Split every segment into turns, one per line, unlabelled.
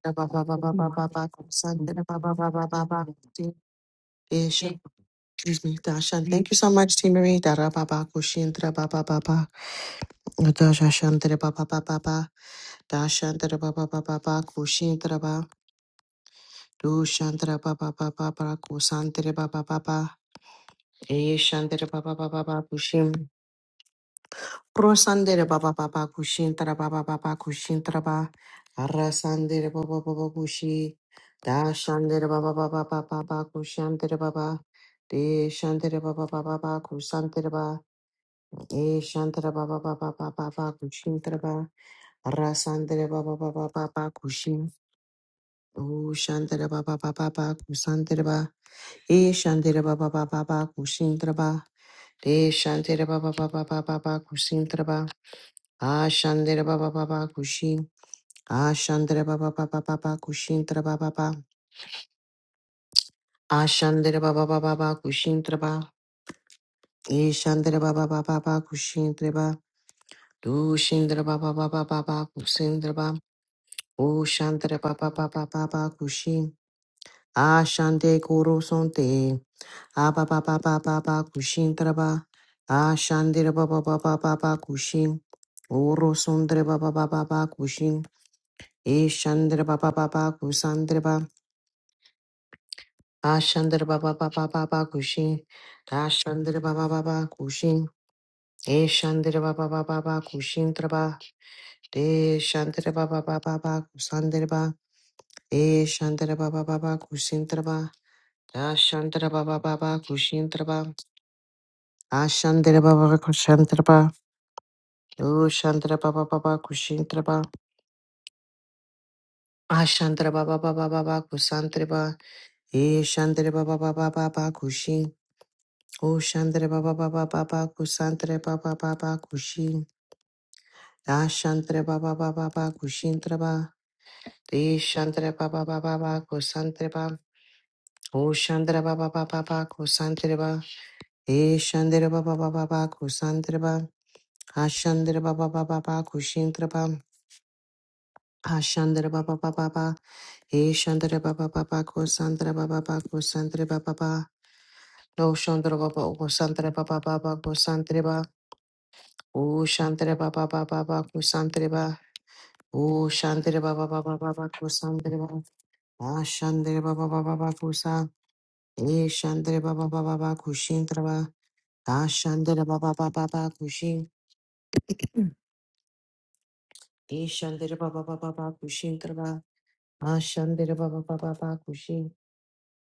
Ba ba ba ba ba ba ba. San- da- eh, Excuse me, Dashan. Thank you so much, T. Marie. Dara Baba Kushindra Baba Baba. Dashantra Baba Baba Baba. Dashantra Baba Baba Baba Kushindra Baba. Dushantra Baba Baba Baba Kusantra Baba Baba. Eshantra Baba Baba Baba Kushim. Prosandere baba baba kushintra baba baba kushintra ba arasandere baba baba kushi dashandere baba baba baba baba kushantere baba de shantere baba baba baba kusantere ba e shantere baba baba baba baba kushintra ba arasandere baba baba baba kushin o shantere baba baba baba kusantere ba e shantere baba baba baba kushintra ba de shantere baba baba baba baba Ashandere baba baba kushin. Ashandere baba baba baba kushin tra baba baba. Ashandere baba baba baba kushin tra baba. Ishandere baba baba baba kushin tra baba. Dushindere baba baba baba kushin tra baba. Ushandere baba baba baba kushin. Ashande kuru sonte. Aba baba baba baba kushin tra baba. Ashandere baba baba baba kushin. Uru sundre baba baba baba kushin. Ishandere baba baba kusandre Ashandra Baba Baba Baba Kushin, Dashandra Baba Baba Kushin, Eshandra Baba Baba Baba Kushin Traba, Deshandra Baba Baba Baba Kusandraba, Eshandra Baba Baba Kushin Traba, Dashandra Baba Baba Kushin Traba, Ashandra Baba Kushantraba, Ushandra Baba Baba Kushin Traba, Ashandra Baba Baba Baba Kusantraba, Eshandra Baba Baba Baba Kushin. O Shantre Baba Baba Baba Kusantre Baba Baba Kushin Da Shantre Baba Baba Baba Kushintre Ba De Shantre Baba Baba Baba Kusantre Ba O Shantre Baba Baba Baba Kusantre Ba E Shantre Baba Baba Baba Kusantre Ba Ashantre Baba Baba Baba Kushintre Ba Ashantre Baba Baba Baba E Shantre Baba Baba Kusantre Baba Baba Kusantre Baba Baba No Shantre Baba Kusantre Baba Baba Kusantre Ba O Shantara Baba Baba Baku ba, O Shantara Baba Baba Baba Kusantreba. Ah Shantara Baba Baba Baku Sa. E Shantara Baba Baba Baku Shintreba. Ah Shantara Baba Baba Baku Shin. E Shantara Baba Baba Baku Shintreba. Ah Shantara Baba Baba Baku Shin.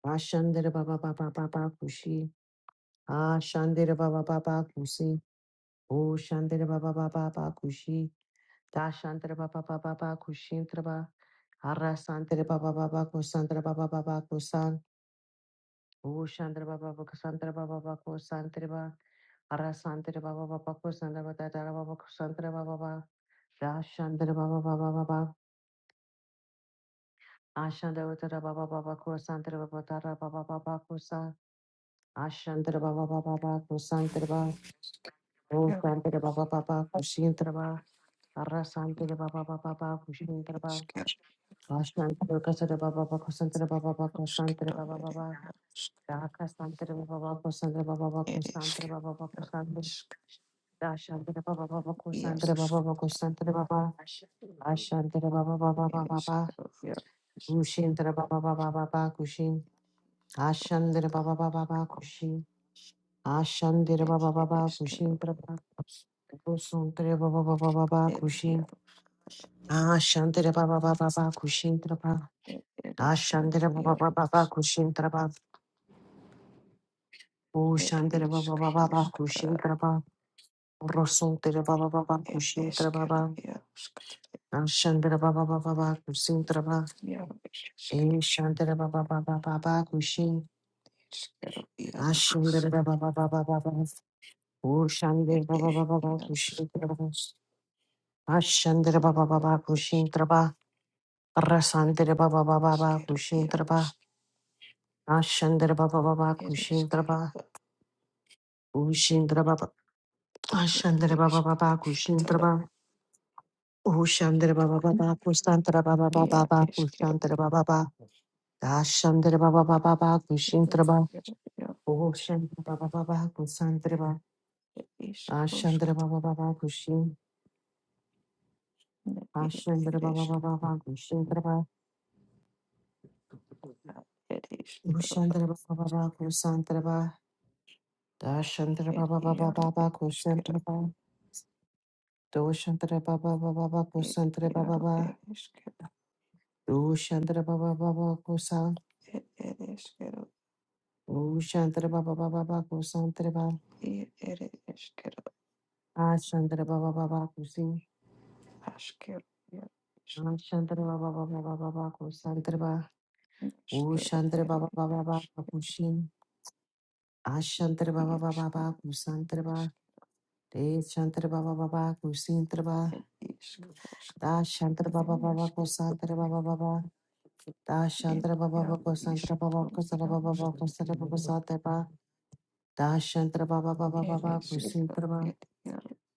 Ah Shantara Baba Baba Baba Kushi. Ah Shantara Baba Baba Kusi. O Shantara Baba Baba Baku Shi. Da Shantara Baba Baba Baku Shintreba. Arrasantere baba baba ko santere baba baba ko san. Ushantere baba baba ko santere baba baba ko santere ba. Arrasantere baba baba ko baba tara baba ko santere baba baba. Rashantere baba baba baba. Ashantere baba baba baba ko santere baba tara baba baba ko san. baba baba baba ko ba. Ushantere baba baba ko shintere ba. Arrasantere baba baba baba ko shintere ba. Ashantere baba baba ko santere baba baba ko santere baba baba. Da Cassandra Baba Cassandra Baba Cassandra Baba Cassandra Da Shandra Baba Baba Cassandra Baba Cassandra Baba Ashandra Baba Baba Baba Kushindra Baba Baba Baba Kushin Ashandra Baba Baba Baba Kushin Ashandra Baba Baba Kushin Prabha Kusuntra Baba Baba Baba Kushin Ashandra Baba Baba Baba Kushin Prabha Ashandra Baba Baba Baba Kushin Prabha Ushandra Baba Baba Baba Kushin Rosun tere baba baba kushin tere baba. Anshan tere baba baba baba kusin tere baba. Ishan tere baba baba baba kushin. Ashin tere baba baba baba baba. Ushan tere baba baba baba kushin tere baba. Ashan tere baba baba kushin tere baba. Rasan tere baba baba baba kushin tere baba. Ashan tere baba baba kushin tere baba. Ushin tere baba. Ashan tere baba baba kushin tere baba. Ushan tere baba baba kushan tere baba baba baba kushan tere baba baba. Ashandra Baba Baba Baba Kushintraba Oshan Baba Baba Kusantraba Ashandra Baba Baba Kushin Ashandra Baba Baba Kushintraba Ushandra Baba Baba Kusantraba Dashandra Baba Baba Baba Kusantraba Doshantra Baba Baba Baba Kusantra Baba Baba Doshandra Baba Baba Kusan Ushantra Baba Baba Baba Kusantraba Ashandra Baba Baba Kusin Ashandra Baba Baba Baba Kusantraba O Shantre Baba Baba Baba Kushin. Ashantre Baba Baba Baba Kusantre Ba. De Shantre Baba Baba Kusintre Ba. Da Shantre Baba Baba Kusantre Baba Baba. Da Shantre Baba Baba Kusantre Baba Kusantre Baba Baba
It
Kusantre Baba Kusantre Ba. Da Shantre Baba
is
Baba
kettle.
Baba Kusintre Ba.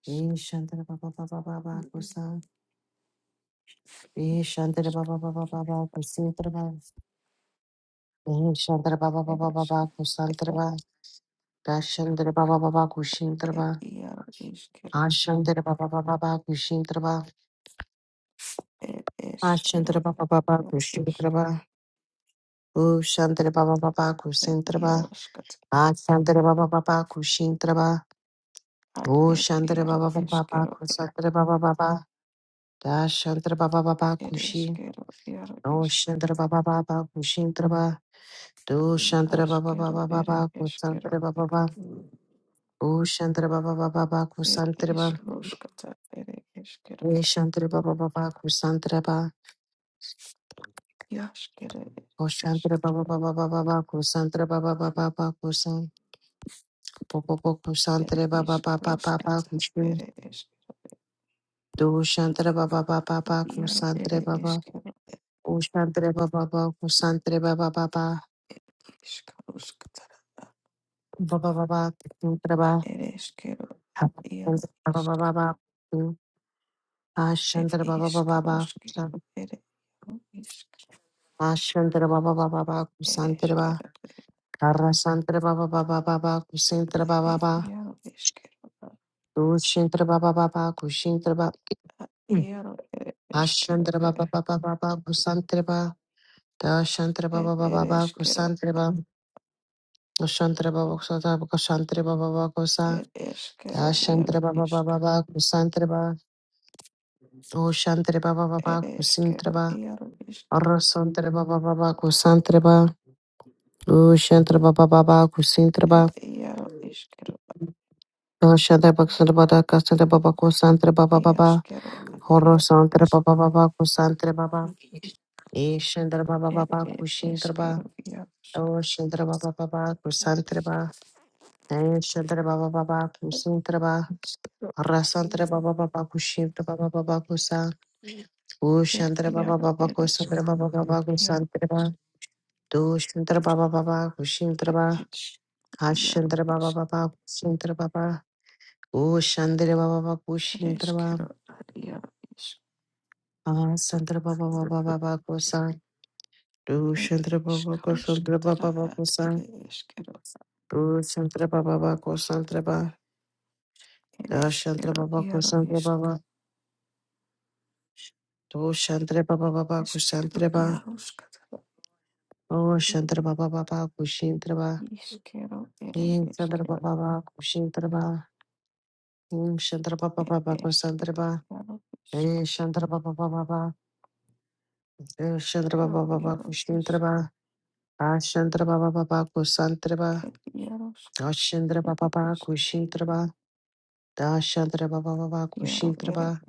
De Shantre Baba Baba Baba
It
Kusan. De Shantre Baba Baba Baba Kusintre Ba. De Shantre Baba Baba Baba Kusantre Ba. Da Shantre Baba Baba Kushintre Ba. Ashandra Baba Baba Baba Kushintra Ashandra Baba Baba Kushintra Ba Ushandra Baba Baba Kusintra Ashandra Baba Baba Kushintra Ba Ushandra Baba Baba Kusantra Baba Baba Dashantra Baba Baba Kushi Oshandra Baba Baba Kushintra Ba Dushantra Baba Baba Baba Kusantra Baba Baba Ushantra Baba Baba Kusantra Ba Vishantra Baba Baba Kusantra Koshantre baba baba baba baba kusantre baba baba baba kusan popo popo kusantre baba baba baba baba kushu dushantre baba baba baba kusantre baba ushantre baba baba kusantre baba baba baba baba kusantre baba baba baba baba tu ashantre baba baba baba kusan ashantre baba baba baba kusantre baba karasantre baba baba baba kusantre baba baba dushantre baba baba kushintre baba Ashantra Baba Baba Baba Kusantreba Dashantra Baba Baba Baba Kusantreba Ashantra Baba Kusata Kushantra Baba Baba Kusa Dashantra Baba Baba Baba Kusantreba Ushantra Baba Baba Kusintreba Arrosantra Baba Baba Kusantreba Ushantra Baba Baba Kusintreba Dashantra Baba Baba Kusantra Baba Kusantra Baba Baba Horrosantra Baba Baba Kusantra Baba Ishantra Baba Baba Kushintreba Oh, Shandra Baba Baba, Kusantra Baba, and Shandra Baba Baba, Kusantra Baba, Rasantra Baba Baba, Kushintra Baba Baba Kusa, O Shandra Baba Baba, Kusantra Baba Baba, Kusantra Baba, Do Shandra Baba Baba, Kushintra Baba, Kashandra Baba Baba, Kusantra Baba, O Shandra Baba Baba, Kushintra Baba, Asantra Baba Baba Baba Kusa, Do Shandra Baba Kusantra Baba Baba Kusa, Do Shandra Baba Baba Kusantra Baba, Da Shandra Baba Kusantra Baba, Do Shantre Baba Baba Kusantre Ba. Oh Shantre Baba Baba Kushintre Ba. King Shantre Baba Baba Kushintre Ba. King Shantre Baba Baba Kusantre Ba. Eh Shantre Baba Baba ba Eh Shantre Baba Baba Kushintre Ba. Ah Shantre Baba Baba Kusantre Ba. Ah Shantre Baba Baba Kushintre Ba. Da Shantre Baba Baba Kushintre Ba.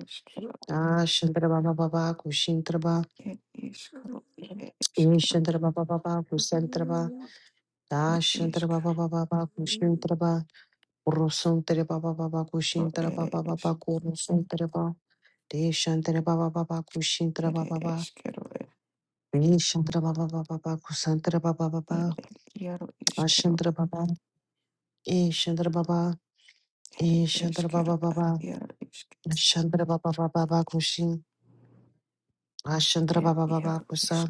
Ah Shantre Baba Baba Kushintre Ba. Eh Shantre Baba Baba Kusantre Ba. Da Shantre Baba Baba Kushintre Ba. Rosun tere baba baba kushin tere baba baba kurusun tere ba. Deshan tere baba baba kushin tere baba baba. Nishan tere baba baba baba kusan tere baba baba. Ashan tere baba. Ishan tere baba. Ishan tere baba baba. Ashan tere baba baba baba kushin. Ashan tere baba baba kusan.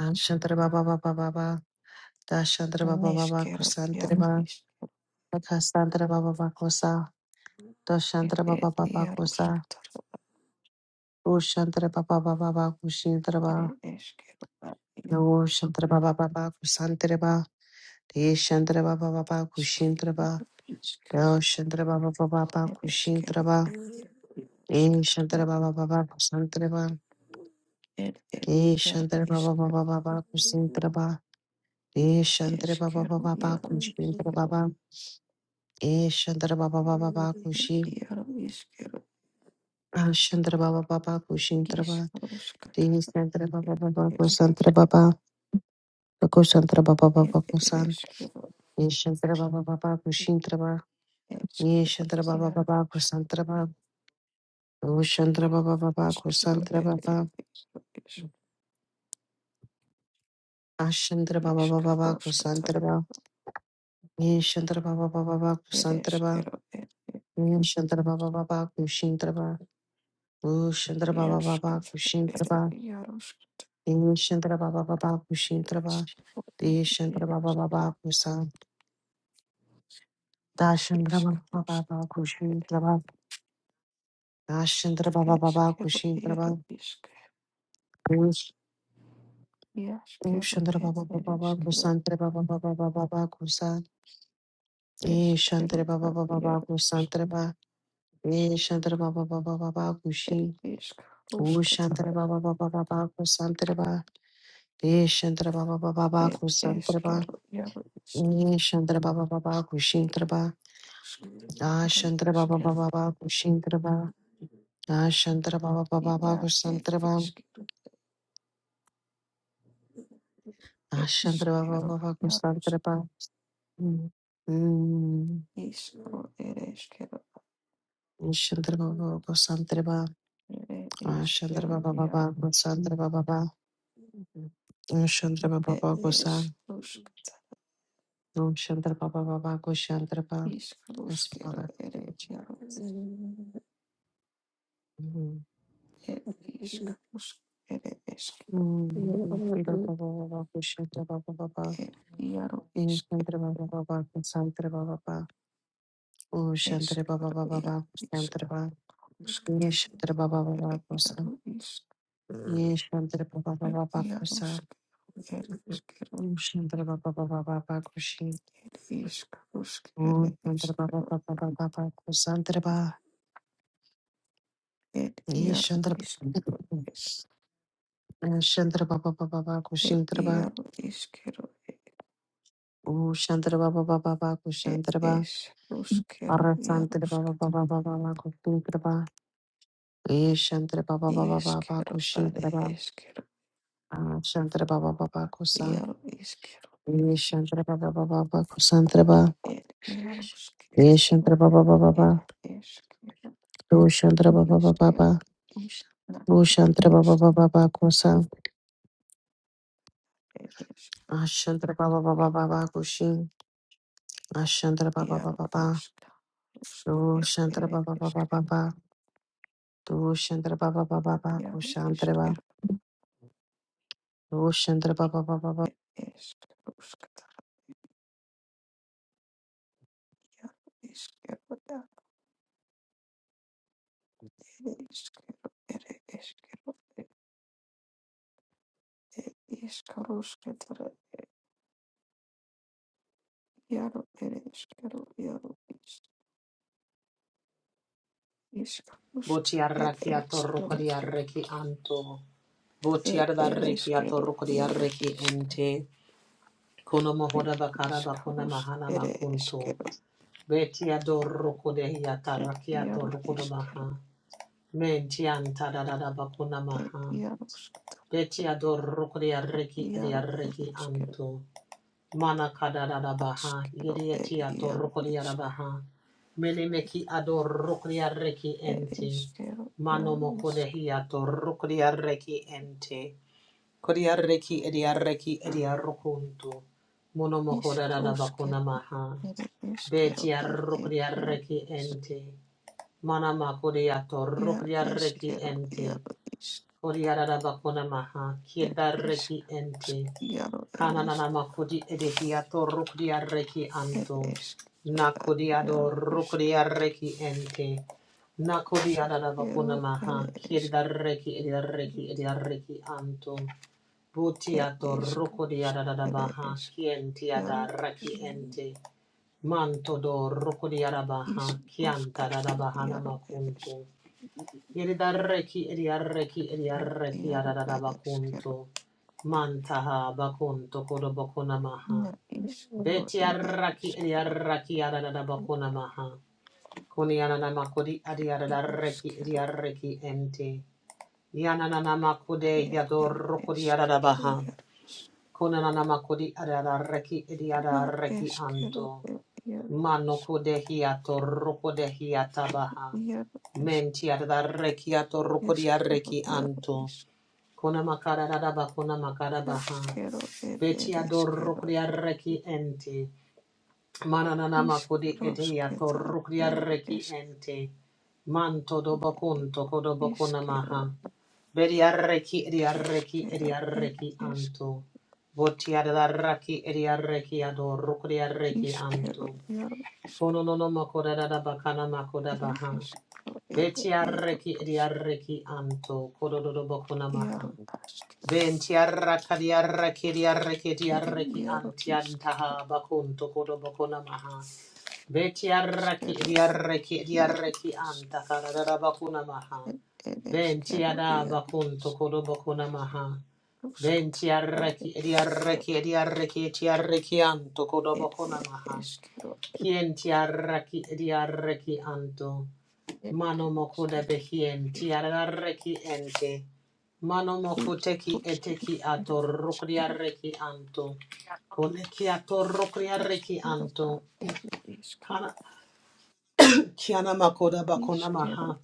Ashan tere baba baba baba. Dashan tere baba baba kusan tere ba. Akasan tere baba baba kusa. Dashan tere baba baba kusa. Ushan tere baba baba baba kushin tere ba. No Shantraba Baba Baba Kusantraba De Shantraba Baba Baba Kushintraba No Shantraba Baba Baba
is kettle.
Kushintraba E Shantraba Baba Baba Kusantraba E Shantraba Baba Baba Kusintraba E
It's
Shantraba Baba
kettle.
Baba Baba
Yellow.
Kushintra Baba E Shantraba Baba Baba Baba
It
Kushi Ah, Shantraba Baba Baba Kushintraba De Shantraba Baba Baba Kusantraba Baba Kusantraba Baba Baba
it
Kusan
is kettle.
E Shantraba Baba Baba Kushintraba Yeshandra Baba Baba Kusantraba, Ushandra Baba Baba Kusantraba, Ashandra Baba Baba Kusantraba, Yeshandra Baba Baba Kusantraba, Yeshandra Baba Baba Kushintraba, Ushandra Baba Baba Kushintraba, Yeshandra Baba Baba Kushintraba, Yeshandra Baba Baba Kusa, Dashandra Baba Baba Kushintraba, Ashandra Baba Baba Kushintraba, Ushandra Baba Baba Kusantraba Baba Baba Kusa, Eh, Shantre ba ba ba ba Ba. ku santre ba, Ye Shantre ba ba ba ba ba Baku Shi. Oh, Shantre ba ba ba ba ba Ba. Eh, Shantara Baba Baba Baku ba Ba. ba Shantara Baba Baba Baku Shintara Ba. ba ba Shantara Baba Baba Baku Shantre Ba. ba ba ba, Baba Baku Santara Ba. Ah, Shantara ba, Baba Baku Santara Ba. ku santre ba A shantre ba ba ba ba ku santre ba. Mm. Mm. Shantre ba, Baba Baku Santara Ba. ku santre ba A shantre ba ba, Baba Baku Santara Ba Ba ku santre Ba. ba ba Shantre ba Baba Baku Om Shantara Baba Baba Go Shantara Baba. Yes, Father. Thank you. Mm. Mm. Shantara Baba Baba Go Shantara Baba Baba. Om Shantara Baba Baba Go Shantara Baba Baba. Om Shantara Baba Baba Baba Go Shantara Baba. Yes, Shantara Baba Baba Go Shantara. Yes, Shantara Baba Baba Baba Go Shantara. Om Shantara Baba Baba Baba Go Shantara. Om Shantara Baba Baba Baba Go Shantara Baba. Yes, Shantara Shantara Baba Baba Baba Go Shantara Baba. Ooh, Shantara Baba Baba Baba Kushantara Baba Ara Santara Baba Baba Baba Baba Kushantara Baba Eh Shantara Baba Baba Baba Kushantara Baba Ah Shantara Baba Baba Kusa Eh Shantara Baba Baba Baba Kusantara Baba Eh Shantara Baba Baba Baba Ooh Shantara Baba Baba Baba Ooh Shantara Baba Baba Baba Kusa Ah Shantara Baba Baba Baba Kushin Ah Shantara Baba Baba Baba Ooh Shantara Baba Baba Baba Ooh Shantara Baba Baba Baba Kushantara Baba Roshantara Baba Baba
Botiarraki arreki anto. Botiarraki atorrukodiarreki ente. Kono mohoda bakara bakona mahana makunto. Beti adorrukodehi atarraki atorrukodobaha. Menti antadadada bakona maha. Beti adorrukodiarreki arreki di arreki anto. Mana kadada baha, yediati atorokodiada baha, menemeki adorokodia reki ente, mano mokodehi ente, kodia reki edia reki edia mono mokodada bakuna maha, betia rokodia reki ente, mana makodia torokodia ente, Kodiarada bakuna maha, kiedareki ente, kananana makudi edehiato rukdiareki anto, nakodiado rukdiareki ente, nakodiarada bakuna maha, kiedareki edareki edareki anto, butiato rukdiarada baha, kientiada reki ente, manto do rukdiarabaha, kianta da bahana makunto. Yeridarreki idiarreki idiarreki bakunto, Mantaha bakunto kodo bakuna maha. Beti arraki edi arraki adada bakuna kodobokunamaha. Betiarraki idiarraki adadadabakunamaha. Kuniananamakudi adiadadarreki idiarreki ente. Yanananamakude yadorrokudi adadabaha. Kunananamakudi adadarreki idiadarreki anto. Manoko de hiato roko de hiata baha. Menti arda rekiato roko di arreki anto. Kona makara raraba kona makara baha. Beti ador roko di arreki ente. Mananana makodi ete hiato roko di arreki ente. Manto do bakunto kodo bakuna maha. Beti arreki edi arreki edi arreki anto. Voti arda raki edi arreki ador roko di arreki anto. Kono no no makora da bakana makoda baha. Beti arreki edi arreki anto kododo bokuna maha. Benti arraka di arreki di arreki di arreki anti antaha bakunto kodo bokuna maha. Beti arraki edi arreki edi arreki anta karada bakuna maha. Benti ada bakunto kodo bokuna maha. Benti arreki edi arreki edi arreki eti arreki anto kodo bokuna maha. Kien tiaraki diaraki anto. Mano mokuda behien tiaraki ente. Mano mokuteki eteki ato rukriaraki anto. Koneki ato rukriaraki anto. Kana kiana makoda bakona maha.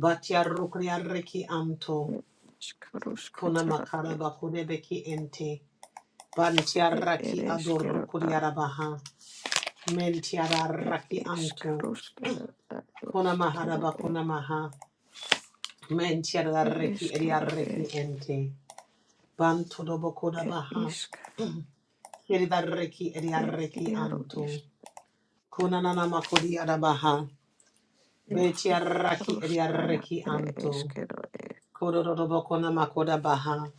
Batia rukriaraki anto. Kona makara bakude beki ente. Bantiaraki ado rukriarabaha. Mentiaraki anto. Kona mahara bakona maha. Mentiadarreki ediarreki ente. Bantodobokoda baha. Yedidarreki ediarreki anto. Kunanana makodiada baha. Betiarraki ediarreki anto. Kododobokona makoda baha.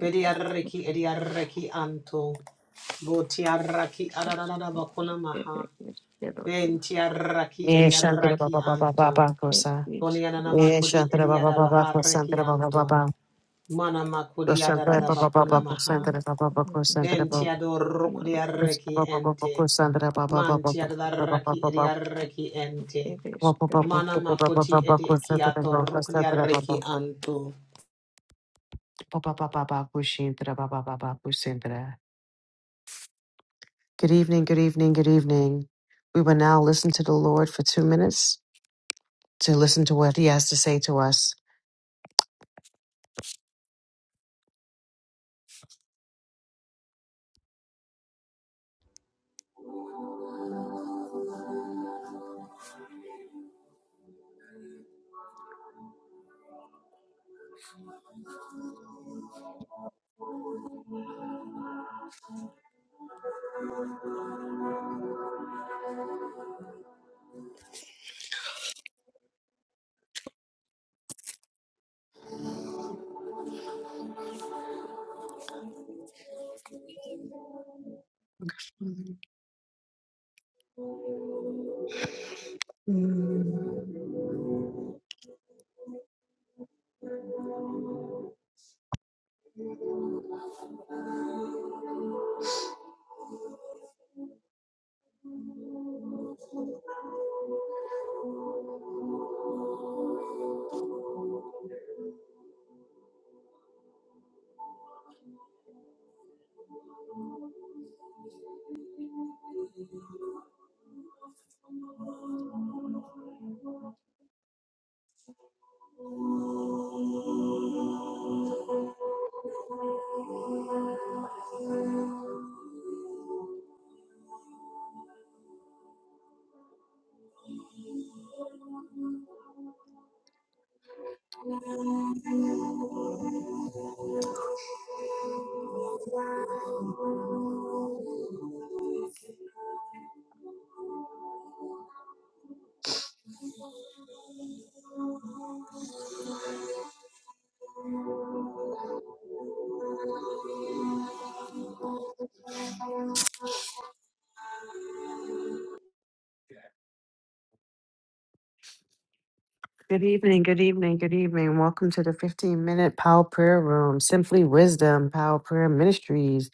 Bediarreki ediarreki anto. Botiarraki adanada bakona maha. Bentiarraki
Eh, Shantara
ediarreki
Baba Baba
anto.
Baba Kosa.
Konianana
Eh,
makodi
Shantara Baba
ediada
Baba
baha reki
Kosantara Baba
anto.
Baba.
Mana makodi
Shantara
adarada
Baba
bakona
Baba
maha.
Kosantara Baba Baba Kosantara Baba
Ventiador rucriarreki
Baba Baba
ente.
Kosantara Baba Baba Baba Baba
Mantiadarraki ediarreki ente.
Baba Baba
Mana
Baba
makoti
Baba
edi
Kosantara
kiator
Baba Kosantara
rucriarreki
Baba
anto.
Baba Baba Baba Kushintara Baba Baba Kusantara. Good evening, good evening, good evening. We will now listen to the Lord for two minutes to listen to what He has to say to us. Good evening, good evening, good evening. Welcome to the 15 minute Power Prayer Room, Simply Wisdom Power Prayer Ministries.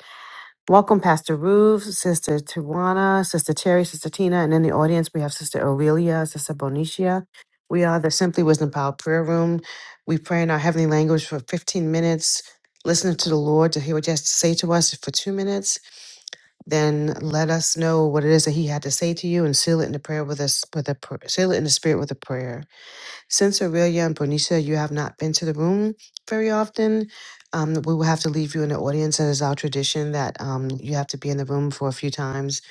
Welcome, Pastor Ruth, Sister Tawana, Sister Terry, Sister Tina, and in the audience we have Sister Aurelia, Sister Bonicia. We are the Simply Wisdom Power Prayer Room. We pray in our heavenly language for 15 minutes, listening to the Lord to hear what he has to say to us for two minutes. Then let us know what it is that he had to say to you and seal it in the prayer with us, with a pr- seal it in the spirit with a prayer. Since Aurelia and Bonisha, you have not been to the room very often, um, we will have to leave you in the audience. It is our tradition that um, you have to be in the room for a few times,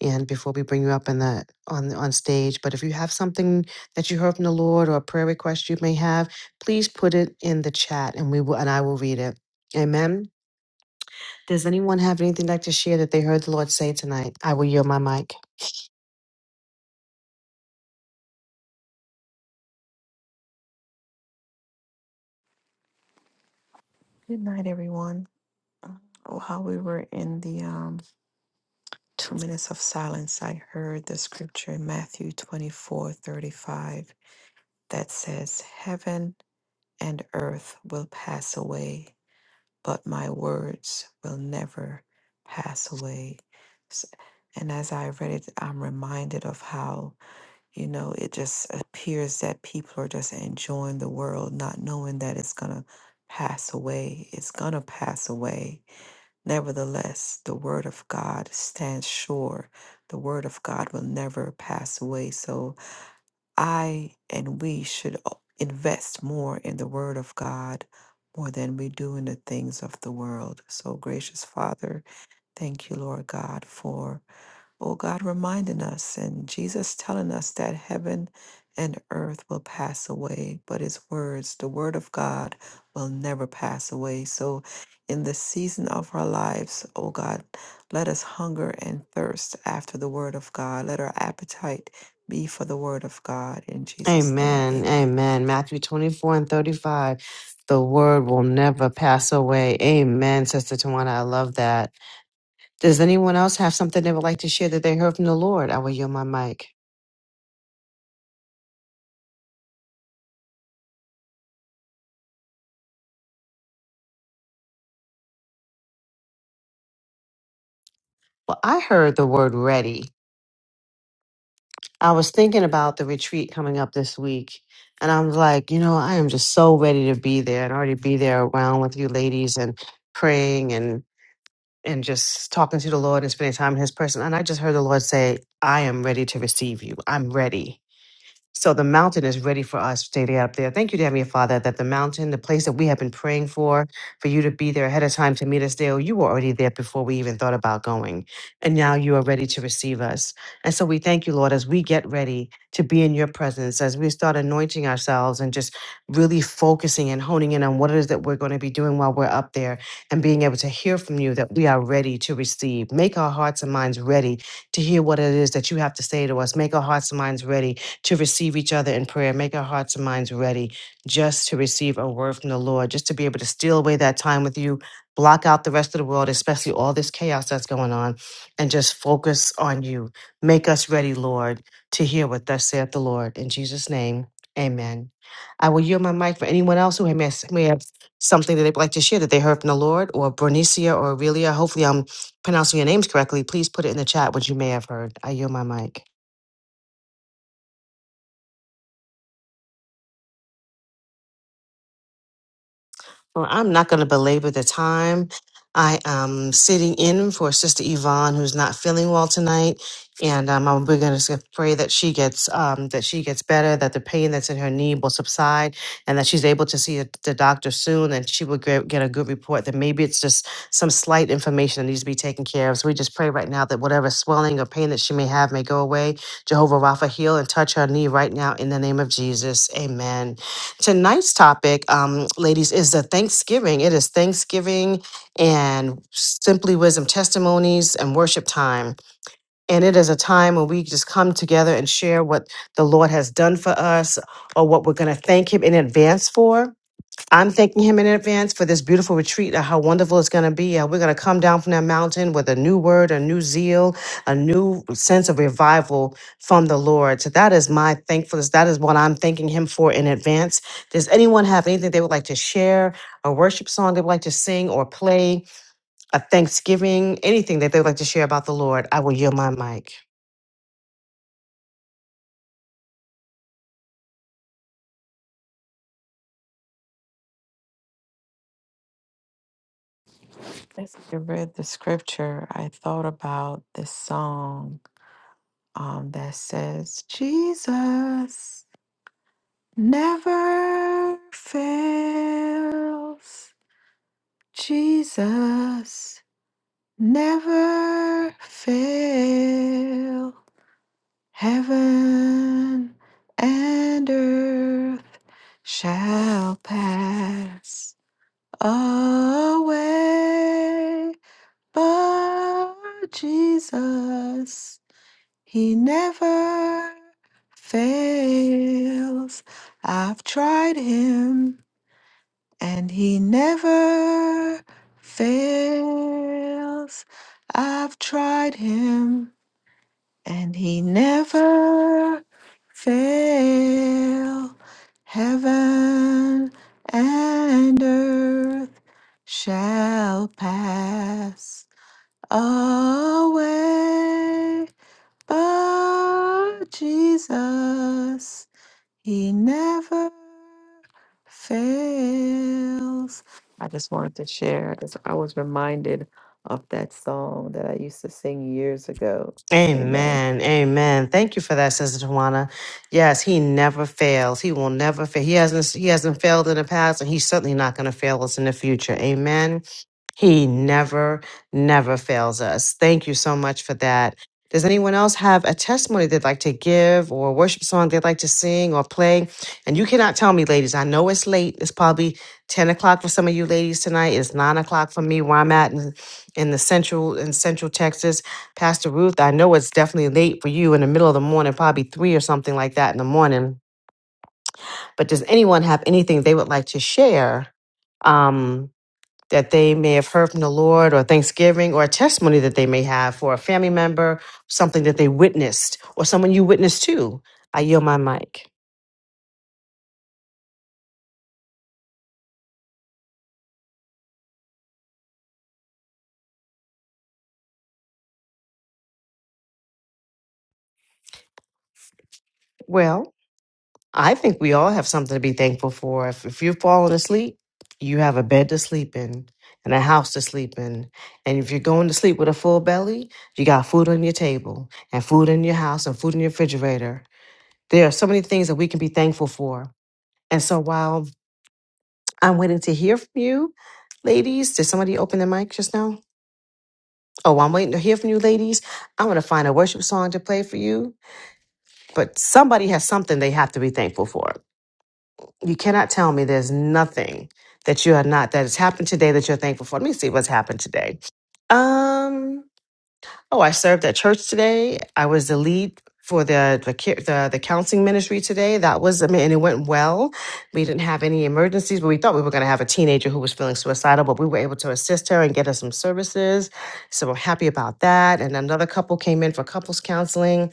and before we bring you up in the on on stage. But if you have something that you heard from the Lord or a prayer request you may have, please put it in the chat, and we will and I will read it. Amen. Does anyone have anything they'd like to share that they heard the Lord say tonight? I will yield my mic.
But my words will never pass away. S- And as I read it, I'm reminded of how. You know, it just appears that people are just enjoying the world, not knowing that it's going to pass away. It's going to pass away. Nevertheless, the word of God stands sure. The word of God will never pass away. So I and we should o- invest more in the word of God more than we do in the things of the world. So, gracious Father, thank you, Lord God, for. Oh God, reminding us and Jesus telling us that heaven and earth will pass away, but his words, the word of God, will never pass away. So, in the season of our lives, oh God, let us hunger and thirst after the word of God. Let our appetite be for the word of God. In Jesus' name,
Amen.
amen.
Amen. Matthew 24 and 35. The word will never pass away. Amen, Sister Tawana. I love that. Does anyone else have something they would like to share that they heard from the Lord? I will yield my mic. Well, I heard the word ready. I was thinking about the retreat coming up this week, and I'm like, you know, I am just so ready to be there and already be there around with you ladies and praying and and just talking to the Lord and spending time in His person. And I just heard the Lord say, I am ready to receive you. I'm ready. So the mountain is ready for us daily up there. Thank you, dear Heavenly Father, that the mountain, the place that we have been praying for, for you to be there ahead of time to meet us there, you were already there before we even thought about going. And now you are ready to receive us. And so we thank you, Lord, as we get ready to be in your presence, as we start anointing ourselves and just really focusing and honing in on what it is that we're going to be doing while we're up there and being able to hear from you that we are ready to receive. Make our hearts and minds ready to hear what it is that you have to say to us. Make our hearts and minds ready to receive each other in prayer. Make our hearts and minds ready just to receive a word from the Lord, just to be able to steal away that time with you, block out the rest of the world, especially all this chaos that's going on, and just focus on you. Make us ready, Lord, to hear what thus saith the Lord. In Jesus' name, amen. I will yield my mic for anyone else who may have may have something that they'd like to share that they heard from the Lord, or Bernicia or Aurelia. Hopefully, I'm pronouncing your names correctly. Please put it in the chat what you may have heard. I yield my mic. Well, I'm not going to belabor the time. I am sitting in for Sister Yvonne, who's not feeling well tonight, and um, I'm- we're going to pray that she gets um, that she gets better, that the pain that's in her knee will subside, and that she's able to see the the doctor soon, and she will get, get a good report. That maybe it's just some slight information that needs to be taken care of. So we just pray right now that whatever swelling or pain that she may have may go away. Jehovah Rapha, heal and touch her knee right now in the name of Jesus. Amen. Tonight's topic, um, ladies, is the Thanksgiving. It is Thanksgiving and Simply Wisdom testimonies and worship time. And it is a time when we just come together and share what the Lord has done for us or what we're going to thank Him in advance for. I'm thanking him in advance for this beautiful retreat and how wonderful it's going to be. Uh, We're going to come down from that mountain with a new word, a new zeal, a new sense of revival from the Lord. So that is my thankfulness. That is what I'm thanking him for in advance. Does anyone have anything they would like to share, a worship song they would like to sing or play, a Thanksgiving, anything that they would like to share about the Lord? I will yield my mic.
As I read the scripture, I thought about this song. Never just nail and shall pass away, but Jesus, He never fails. I've tried Him and He never fails. I've tried Him and He never fails. Heaven and earth.
Amen. Amen. Thank you for that, Sister Tawana. Yes, he never fails. He will never fail. He hasn't he hasn't failed in the past and he's certainly not going to fail us in the future. Amen. He never, never fails us. Thank you so much for that. Does anyone else have a testimony they'd like to give or a worship song they'd like to sing or play? And you cannot tell me, ladies. I know it's late. It's probably 10 o'clock for some of you ladies tonight. It's 9 o'clock for me where I'm at in, in the central in central Texas. Pastor Ruth, I know it's definitely late for you in the middle of the morning, probably three or something like that in the morning. But does anyone have anything they would like to share um, that they may have heard from the Lord or Thanksgiving or a testimony that they may have for a family member, something that they witnessed or someone you witnessed to? I yield my mic. Well, I think we all have something to be thankful for. If, if you're falling asleep, you have a bed to sleep in and a house to sleep in. And if you're going to sleep with a full belly, you got food on your table and food in your house and food in your refrigerator. There are so many things that we can be thankful for. And so while I'm waiting to hear from you, ladies, did somebody open the mic just now? Oh, I'm waiting to hear from you, ladies. I'm going to find a worship song to play for you. But somebody has something they have to be thankful for. You cannot tell me there's nothing that you are not that has happened today that you're thankful for. Let me see what's happened today. Um. Oh, I served at church today. I was the lead for the the ca- the, the counseling ministry today. That was I mean, and it went well. We didn't have any emergencies, but we thought we were going to have a teenager who was feeling suicidal. But we were able to assist her and get her some services. So we're happy about that. And another couple came in for couples counseling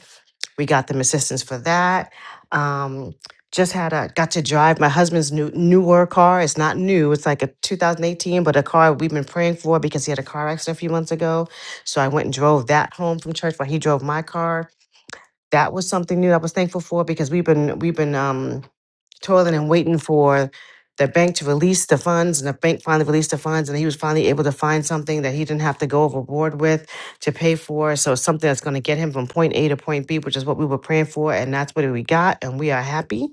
we got them assistance for that. Um, just had a got to drive my husband's new newer car. It's not new. It's like a 2018, but a car we've been praying for because he had a car accident a few months ago. So I went and drove that home from church while he drove my car. That was something new I was thankful for because we've been we've been um toiling and waiting for the bank to release the funds, and the bank finally released the funds, and he was finally able to find something that he didn't have to go overboard with to pay for. So something that's going to get him from point A to point B, which is what we were praying for, and that's what we got, and we are happy.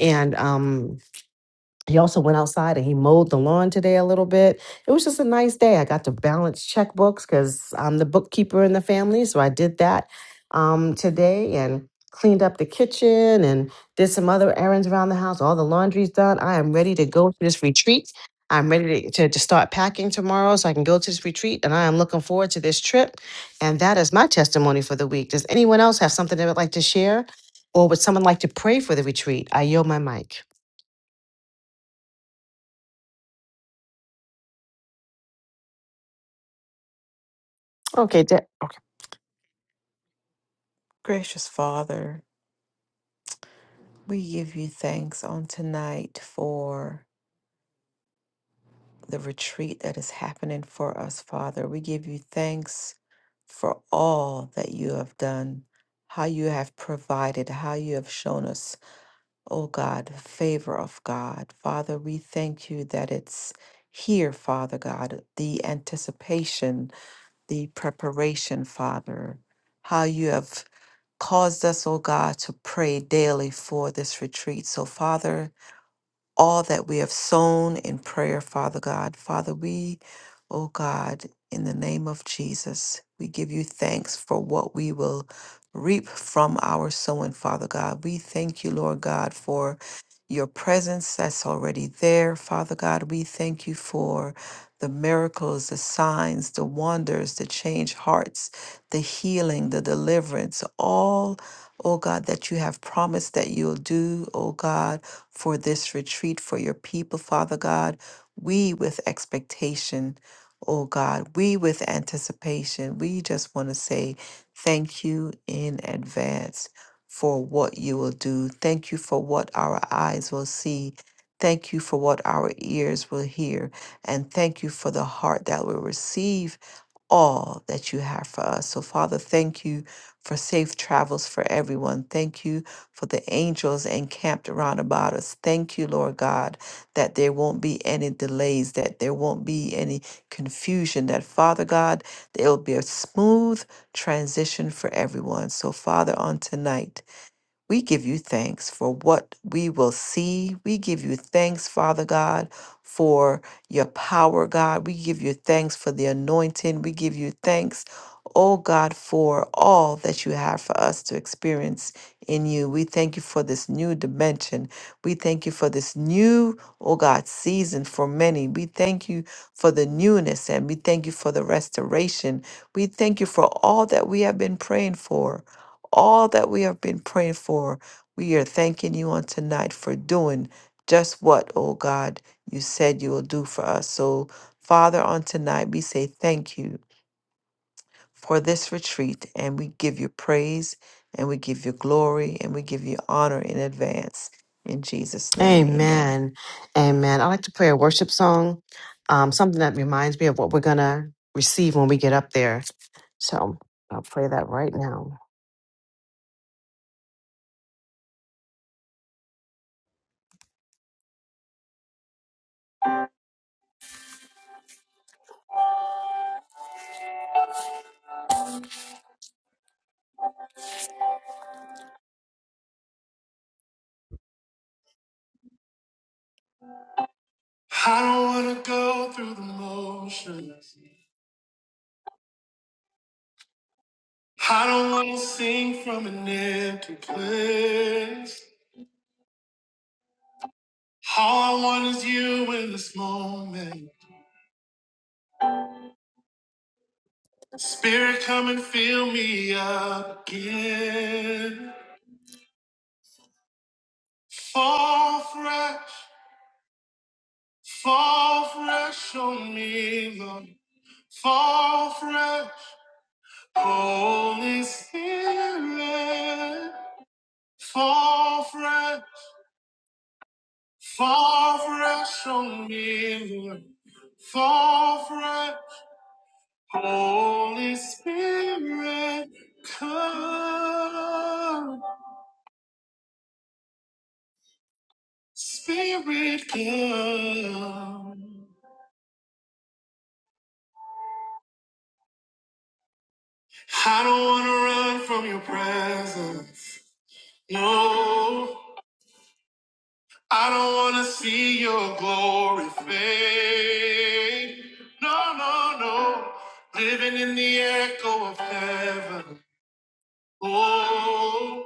And um, he also went outside and he mowed the lawn today a little bit. It was just a nice day. I got to balance checkbooks because I'm the bookkeeper in the family. So I did that um, today and cleaned up the kitchen and did some other errands around the house. All the laundry's done. I am ready to go to this retreat. I'm ready to, to, to start packing tomorrow so I can go to this retreat. And I am looking forward to this trip. And that is my testimony for the week. Does anyone else have something they would like to share? Or would someone like to pray for the retreat? I yield my mic. Okay, Da-
Gracious Father. We give you thanks on tonight for the retreat that is happening for us, Father. We give you thanks for all that you have done, how you have provided, how you have shown us, oh God, favor of God. Father, we thank you that it's here, Father God, the anticipation, the preparation, Father, how you have caused us, oh God, to pray daily for this retreat. So, Father, all that we have sown in prayer, Father God. Father, we, oh God, in the name of Jesus, we give you thanks for what we will reap from our sowing, Father God. We thank you, Lord God, for your presence that's already there, Father God. We thank you for the miracles, the signs, the wonders, the change hearts, the healing, the deliverance, all, oh God, that you have promised that you'll do, oh God for this retreat for your people, Father God. We with expectation, oh God, we with anticipation. We just want to say thank you in advance for what you will do. Thank you for what our eyes will see. Thank you for what our ears will hear. And thank you for the heart that will receive all that you have for us. So, Father, thank you for safe travels for everyone. Thank you for the angels encamped around about us. Thank you, Lord God, that there won't be any delays, that there won't be any confusion, that, Father God, there will be a smooth transition for everyone. So, Father, on tonight, we give you thanks for what we will see. We give you thanks, Father God, for your power, God. We give you thanks for the anointing. We give you thanks, oh God, for all that you have for us to experience in you. We thank you for this new dimension. We thank you for this new, oh God, season for many. We thank you for the newness and we thank you for the restoration. We thank you for all that we have been praying for all that we have been praying for. We are thanking you on tonight for doing just what, oh God, you said you will do for us. So, Father, on tonight, we say thank you for this retreat and we give you praise and we give you glory and we give you honor in advance. In Jesus' name, amen.
Amen. Amen. I like to play a worship song, um, something that reminds me of what we're going to receive when we get up there. So I'll play that right now. I don't want to go through the motions. I don't want to sing from an empty place. All I want is you in this moment. Spirit, come and fill me up again. Fall fresh. Fall fresh on me, Lord. Fall fresh, Holy Spirit. Fall fresh, fall fresh on me, Lord. Fall fresh, Holy Spirit. Come, Spirit, come. I don't want to run from your presence. No. I don't wanna see your glory fade. No, no, no. Living in the echo of heaven. Oh,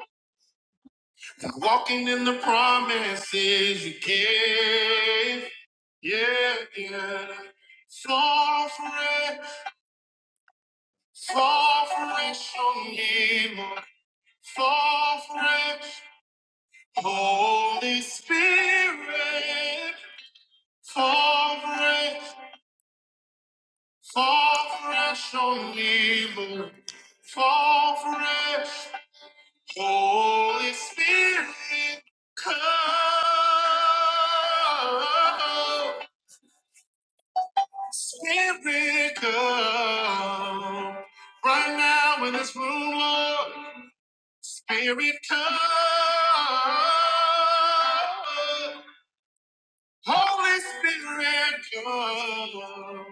like walking in the promises you gave. Yeah, yeah. Fall fresh, fall fresh on me, Lord. Fall fresh, Holy Spirit. Fall fresh. Fall fresh on me, Lord. Fall fresh. Holy Spirit, come. Spirit, come. Right now in this room, Lord. Spirit, come. Holy Spirit, come.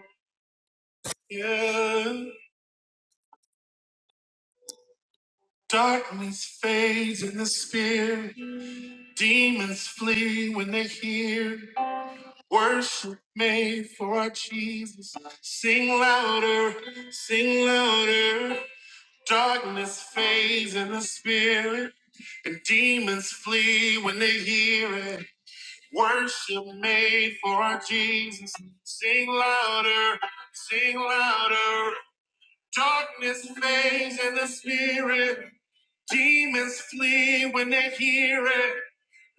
Yeah. Darkness fades in the spirit. Demons flee when they hear worship made for our Jesus. Sing louder, sing louder. Darkness fades in the spirit, and demons flee when they hear it. Worship made for our Jesus. Sing louder, sing louder. Darkness fades in the spirit. Demons flee when they hear it.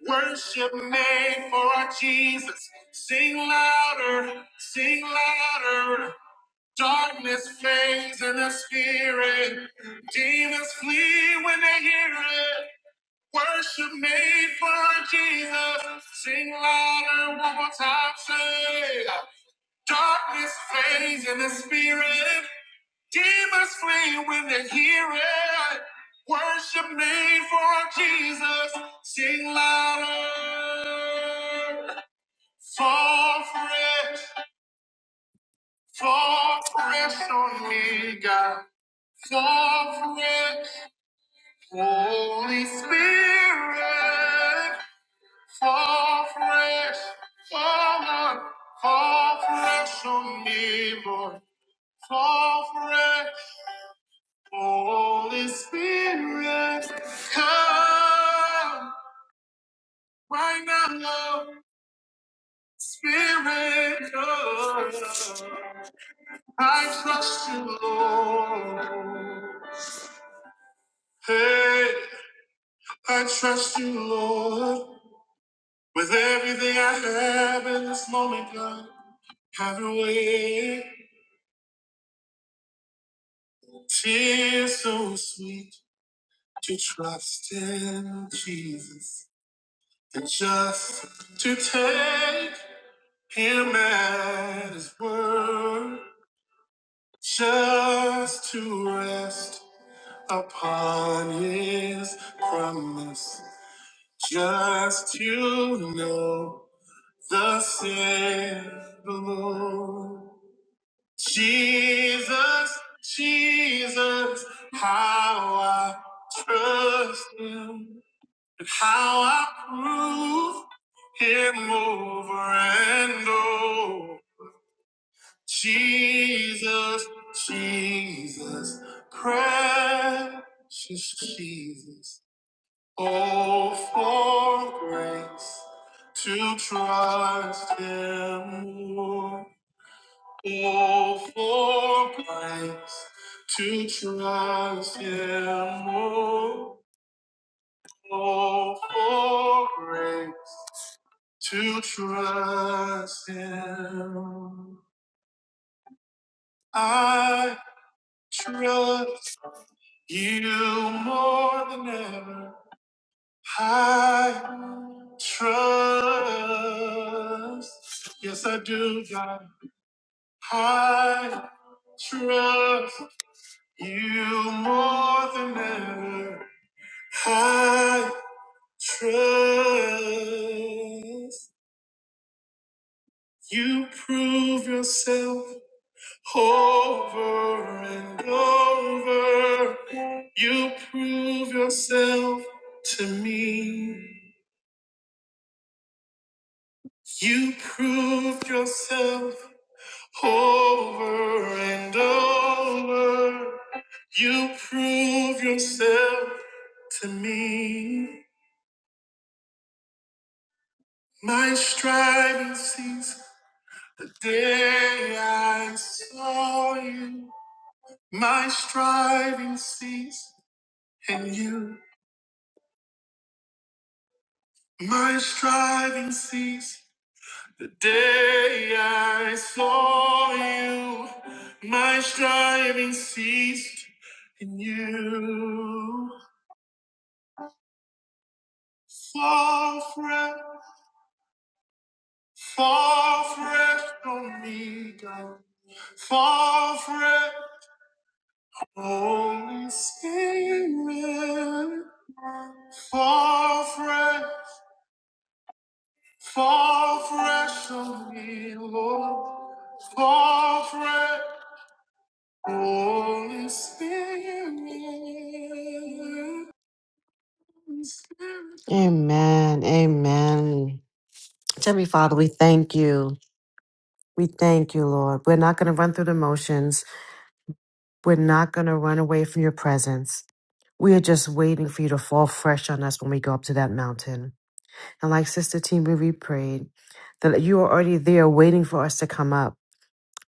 Worship made for our Jesus. Sing louder, sing louder. Darkness fades in the spirit. Demons flee when they hear it. Worship made for our Jesus. Sing louder one more time. Say, darkness fades in the spirit. Demons flee when they hear it. Worship me for Jesus. Sing louder. Fall fresh, fall fresh on me, God. Fall fresh, Holy Spirit. Fall fresh, fall on, fall fresh on me, Lord. Fall fresh. Holy Spirit, come right now, Lord. Spirit, come. I trust you, Lord. Hey, I trust you, Lord. With everything I have in this moment, God, have your way. Tears so sweet to trust in Jesus and just to take. Him at his word just to rest upon his promise, just to know the said the Lord. Jesus, Jesus, how I trust him, how I prove him over and over. Jesus, Jesus, precious Jesus. Oh, for grace to trust Him more. Oh, for grace to trust Him more. Oh, for grace to trust Him. I trust. You more than ever, I trust. Yes, I do, God. I trust you more than ever. I trust you. Prove yourself over and over. You prove yourself to me. You proved yourself over and over. You prove yourself to me. My striving ceased the day I saw you. My striving ceased and you. My striving ceased. The day I saw you, my striving ceased, and you fall fresh, fall fresh on me, God. Fall fresh, Holy Spirit. Fall fresh, fall fresh on me, Lord. Fall fresh. Holy Spirit. Amen. Amen. Heavenly Father, we thank you. We thank you, Lord. We're not going to run through the motions. We're not going to run away from your presence. We are just waiting for you to fall fresh on us when we go up to that mountain. And like Sister Team, we prayed that you are already there waiting for us to come up.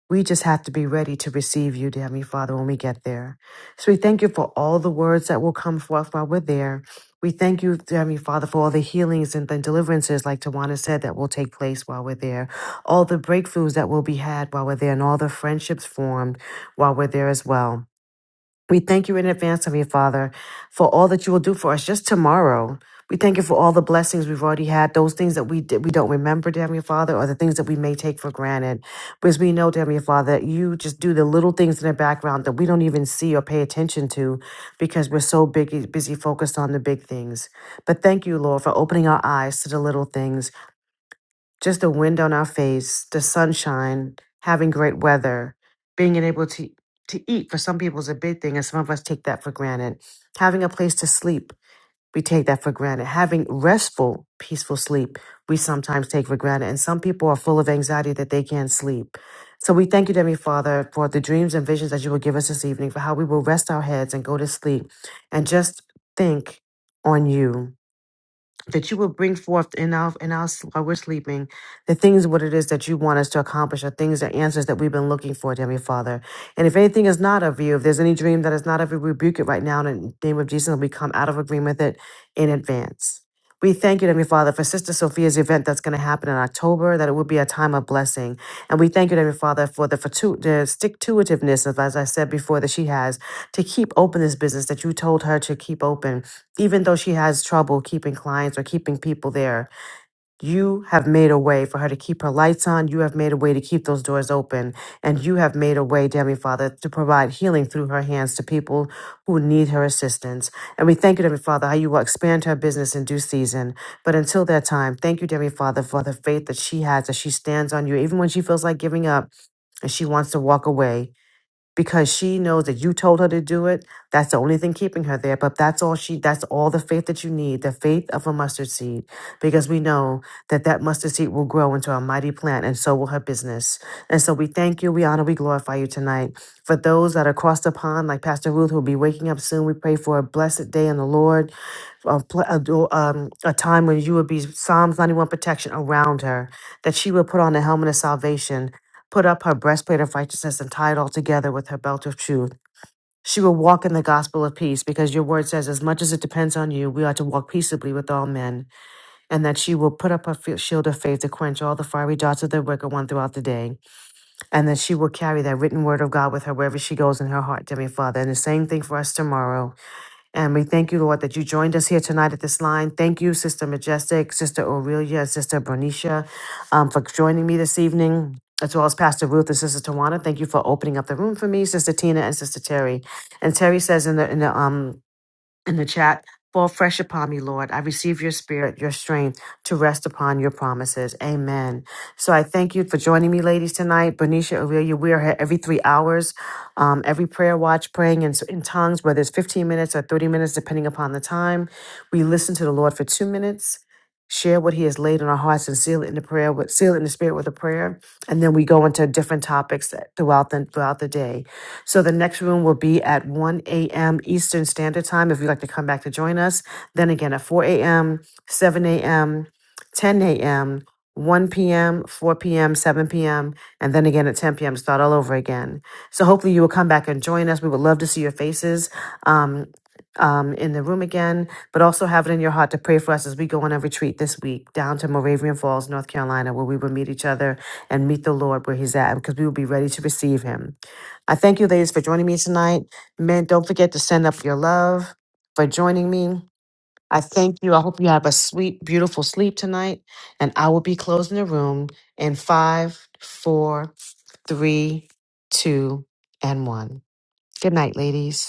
We just have to be ready to receive you, dear Heavenly Father, when we get there. So we thank you for all the words that will come forth while we're there. We thank you, dear Heavenly Father, for all the healings and the deliverances, like Tawana said, that will take place while we're there. All the breakthroughs that will be had while we're there, and all the friendships formed while we're there as well. We thank you in advance, Heavenly Father, for all that you will do for us just tomorrow. We thank you for all the blessings we've already had, those things that we did, we don't remember, dear Heavenly Father, or the things that we may take for granted. Because we know, dear Heavenly Father, that you just do the little things in the background that we don't even see or pay attention to because we're so big, busy focused on the big things. But thank you, Lord, for opening our eyes to the little things just the wind on our face, the sunshine, having great weather, being able to to eat for some people is a big thing, and some of us take that for granted. Having a place to sleep, we take that for granted. Having restful, peaceful sleep, we sometimes take for granted. And some people are full of anxiety that they can't sleep. So we thank you, Heavenly Father, for the dreams and visions that you will give us this evening, for how we will rest our heads and go to sleep and just think on you that you will bring forth in our in our s- while we're sleeping the things what it is that you want us to accomplish or things or answers that we've been looking for dear Heavenly father and if anything is not of you if there's any dream that is not of you we rebuke it right now in the name of jesus and we come out of agreement with it in advance we thank you, dear Heavenly Father, for Sister Sophia's event that's going to happen in October, that it will be a time of blessing. And we thank you, dear Heavenly Father, for the, fortu- the stick-to-itiveness, of, as I said before, that she has to keep open this business that you told her to keep open even though she has trouble keeping clients or keeping people there, you have made a way for her to keep her lights on. You have made a way to keep those doors open. And you have made a way, dear Heavenly Father, to provide healing through her hands to people who need her assistance. And we thank you, dear Heavenly Father, how you will expand her business in due season. But until that time, thank you, dear Heavenly Father, for the faith that she has, that she stands on you, even when she feels like giving up and she wants to walk away because she knows that you told her to do it. That's the only thing keeping her there. But that's all she, that's all the faith that you need, the faith of a mustard seed, because we know that that mustard seed will grow into a mighty plant and so will her business. And so we thank you, we honor, we glorify you tonight. For those that are crossed upon, like Pastor Ruth, who will be waking up soon, we pray for a blessed day in the Lord, a, pl- a do- um, a time when you will be Psalms 91 protection around her, that she will put on the helmet of salvation put up her breastplate of righteousness and tie it all together with her belt of truth. She will walk in the gospel of peace because your word says, as much as it depends on you, we ought to walk peaceably with all men, and that she will put up her fi- shield of faith to quench all the fiery darts of the wicked one throughout the day, and that she will carry that written word of God with her wherever she goes in her heart, dear Father. And the same thing for us tomorrow. And we thank you, Lord, that you joined us here tonight at this line. Thank you, Sister Majestic, Sister Aurelia, Sister Bernicia, um, for joining me this evening, as well as Pastor Ruth and Sister Tawana. Thank you for opening up the room for me, Sister Tina and Sister Terry. And Terry says in the in the um in the chat. Fall fresh upon me, Lord. I receive your spirit, your strength to rest upon your promises. Amen. So I thank you for joining me, ladies, tonight. Bernicia, Aurelia, we are here every three hours, um, every prayer watch, praying in, in tongues, whether it's 15 minutes or 30 minutes, depending upon the time. We listen to the Lord for two minutes share what he has laid on our hearts and seal it in the prayer with seal it in the spirit with a prayer and then we go into different topics throughout the throughout the day so the next room will be at 1 a.m eastern standard time if you'd like to come back to join us then again at 4 a.m 7 a.m 10 a.m 1 p.m 4 p.m 7 p.m and then again at 10 p.m start all over again so hopefully you will come back and join us we would love to see your faces um, um, in the room again but also have it in your heart to pray for us as we go on a retreat this week down to Moravian Falls, North Carolina, where we will meet each other and meet the Lord where He's at, because we will be ready to receive Him. I thank you, ladies, for joining me tonight. Men, don't forget to send up your love for joining me. I thank you. I hope you have a sweet, beautiful sleep tonight. And I will be closing the room in five, four, three, two, and one. Good night, ladies.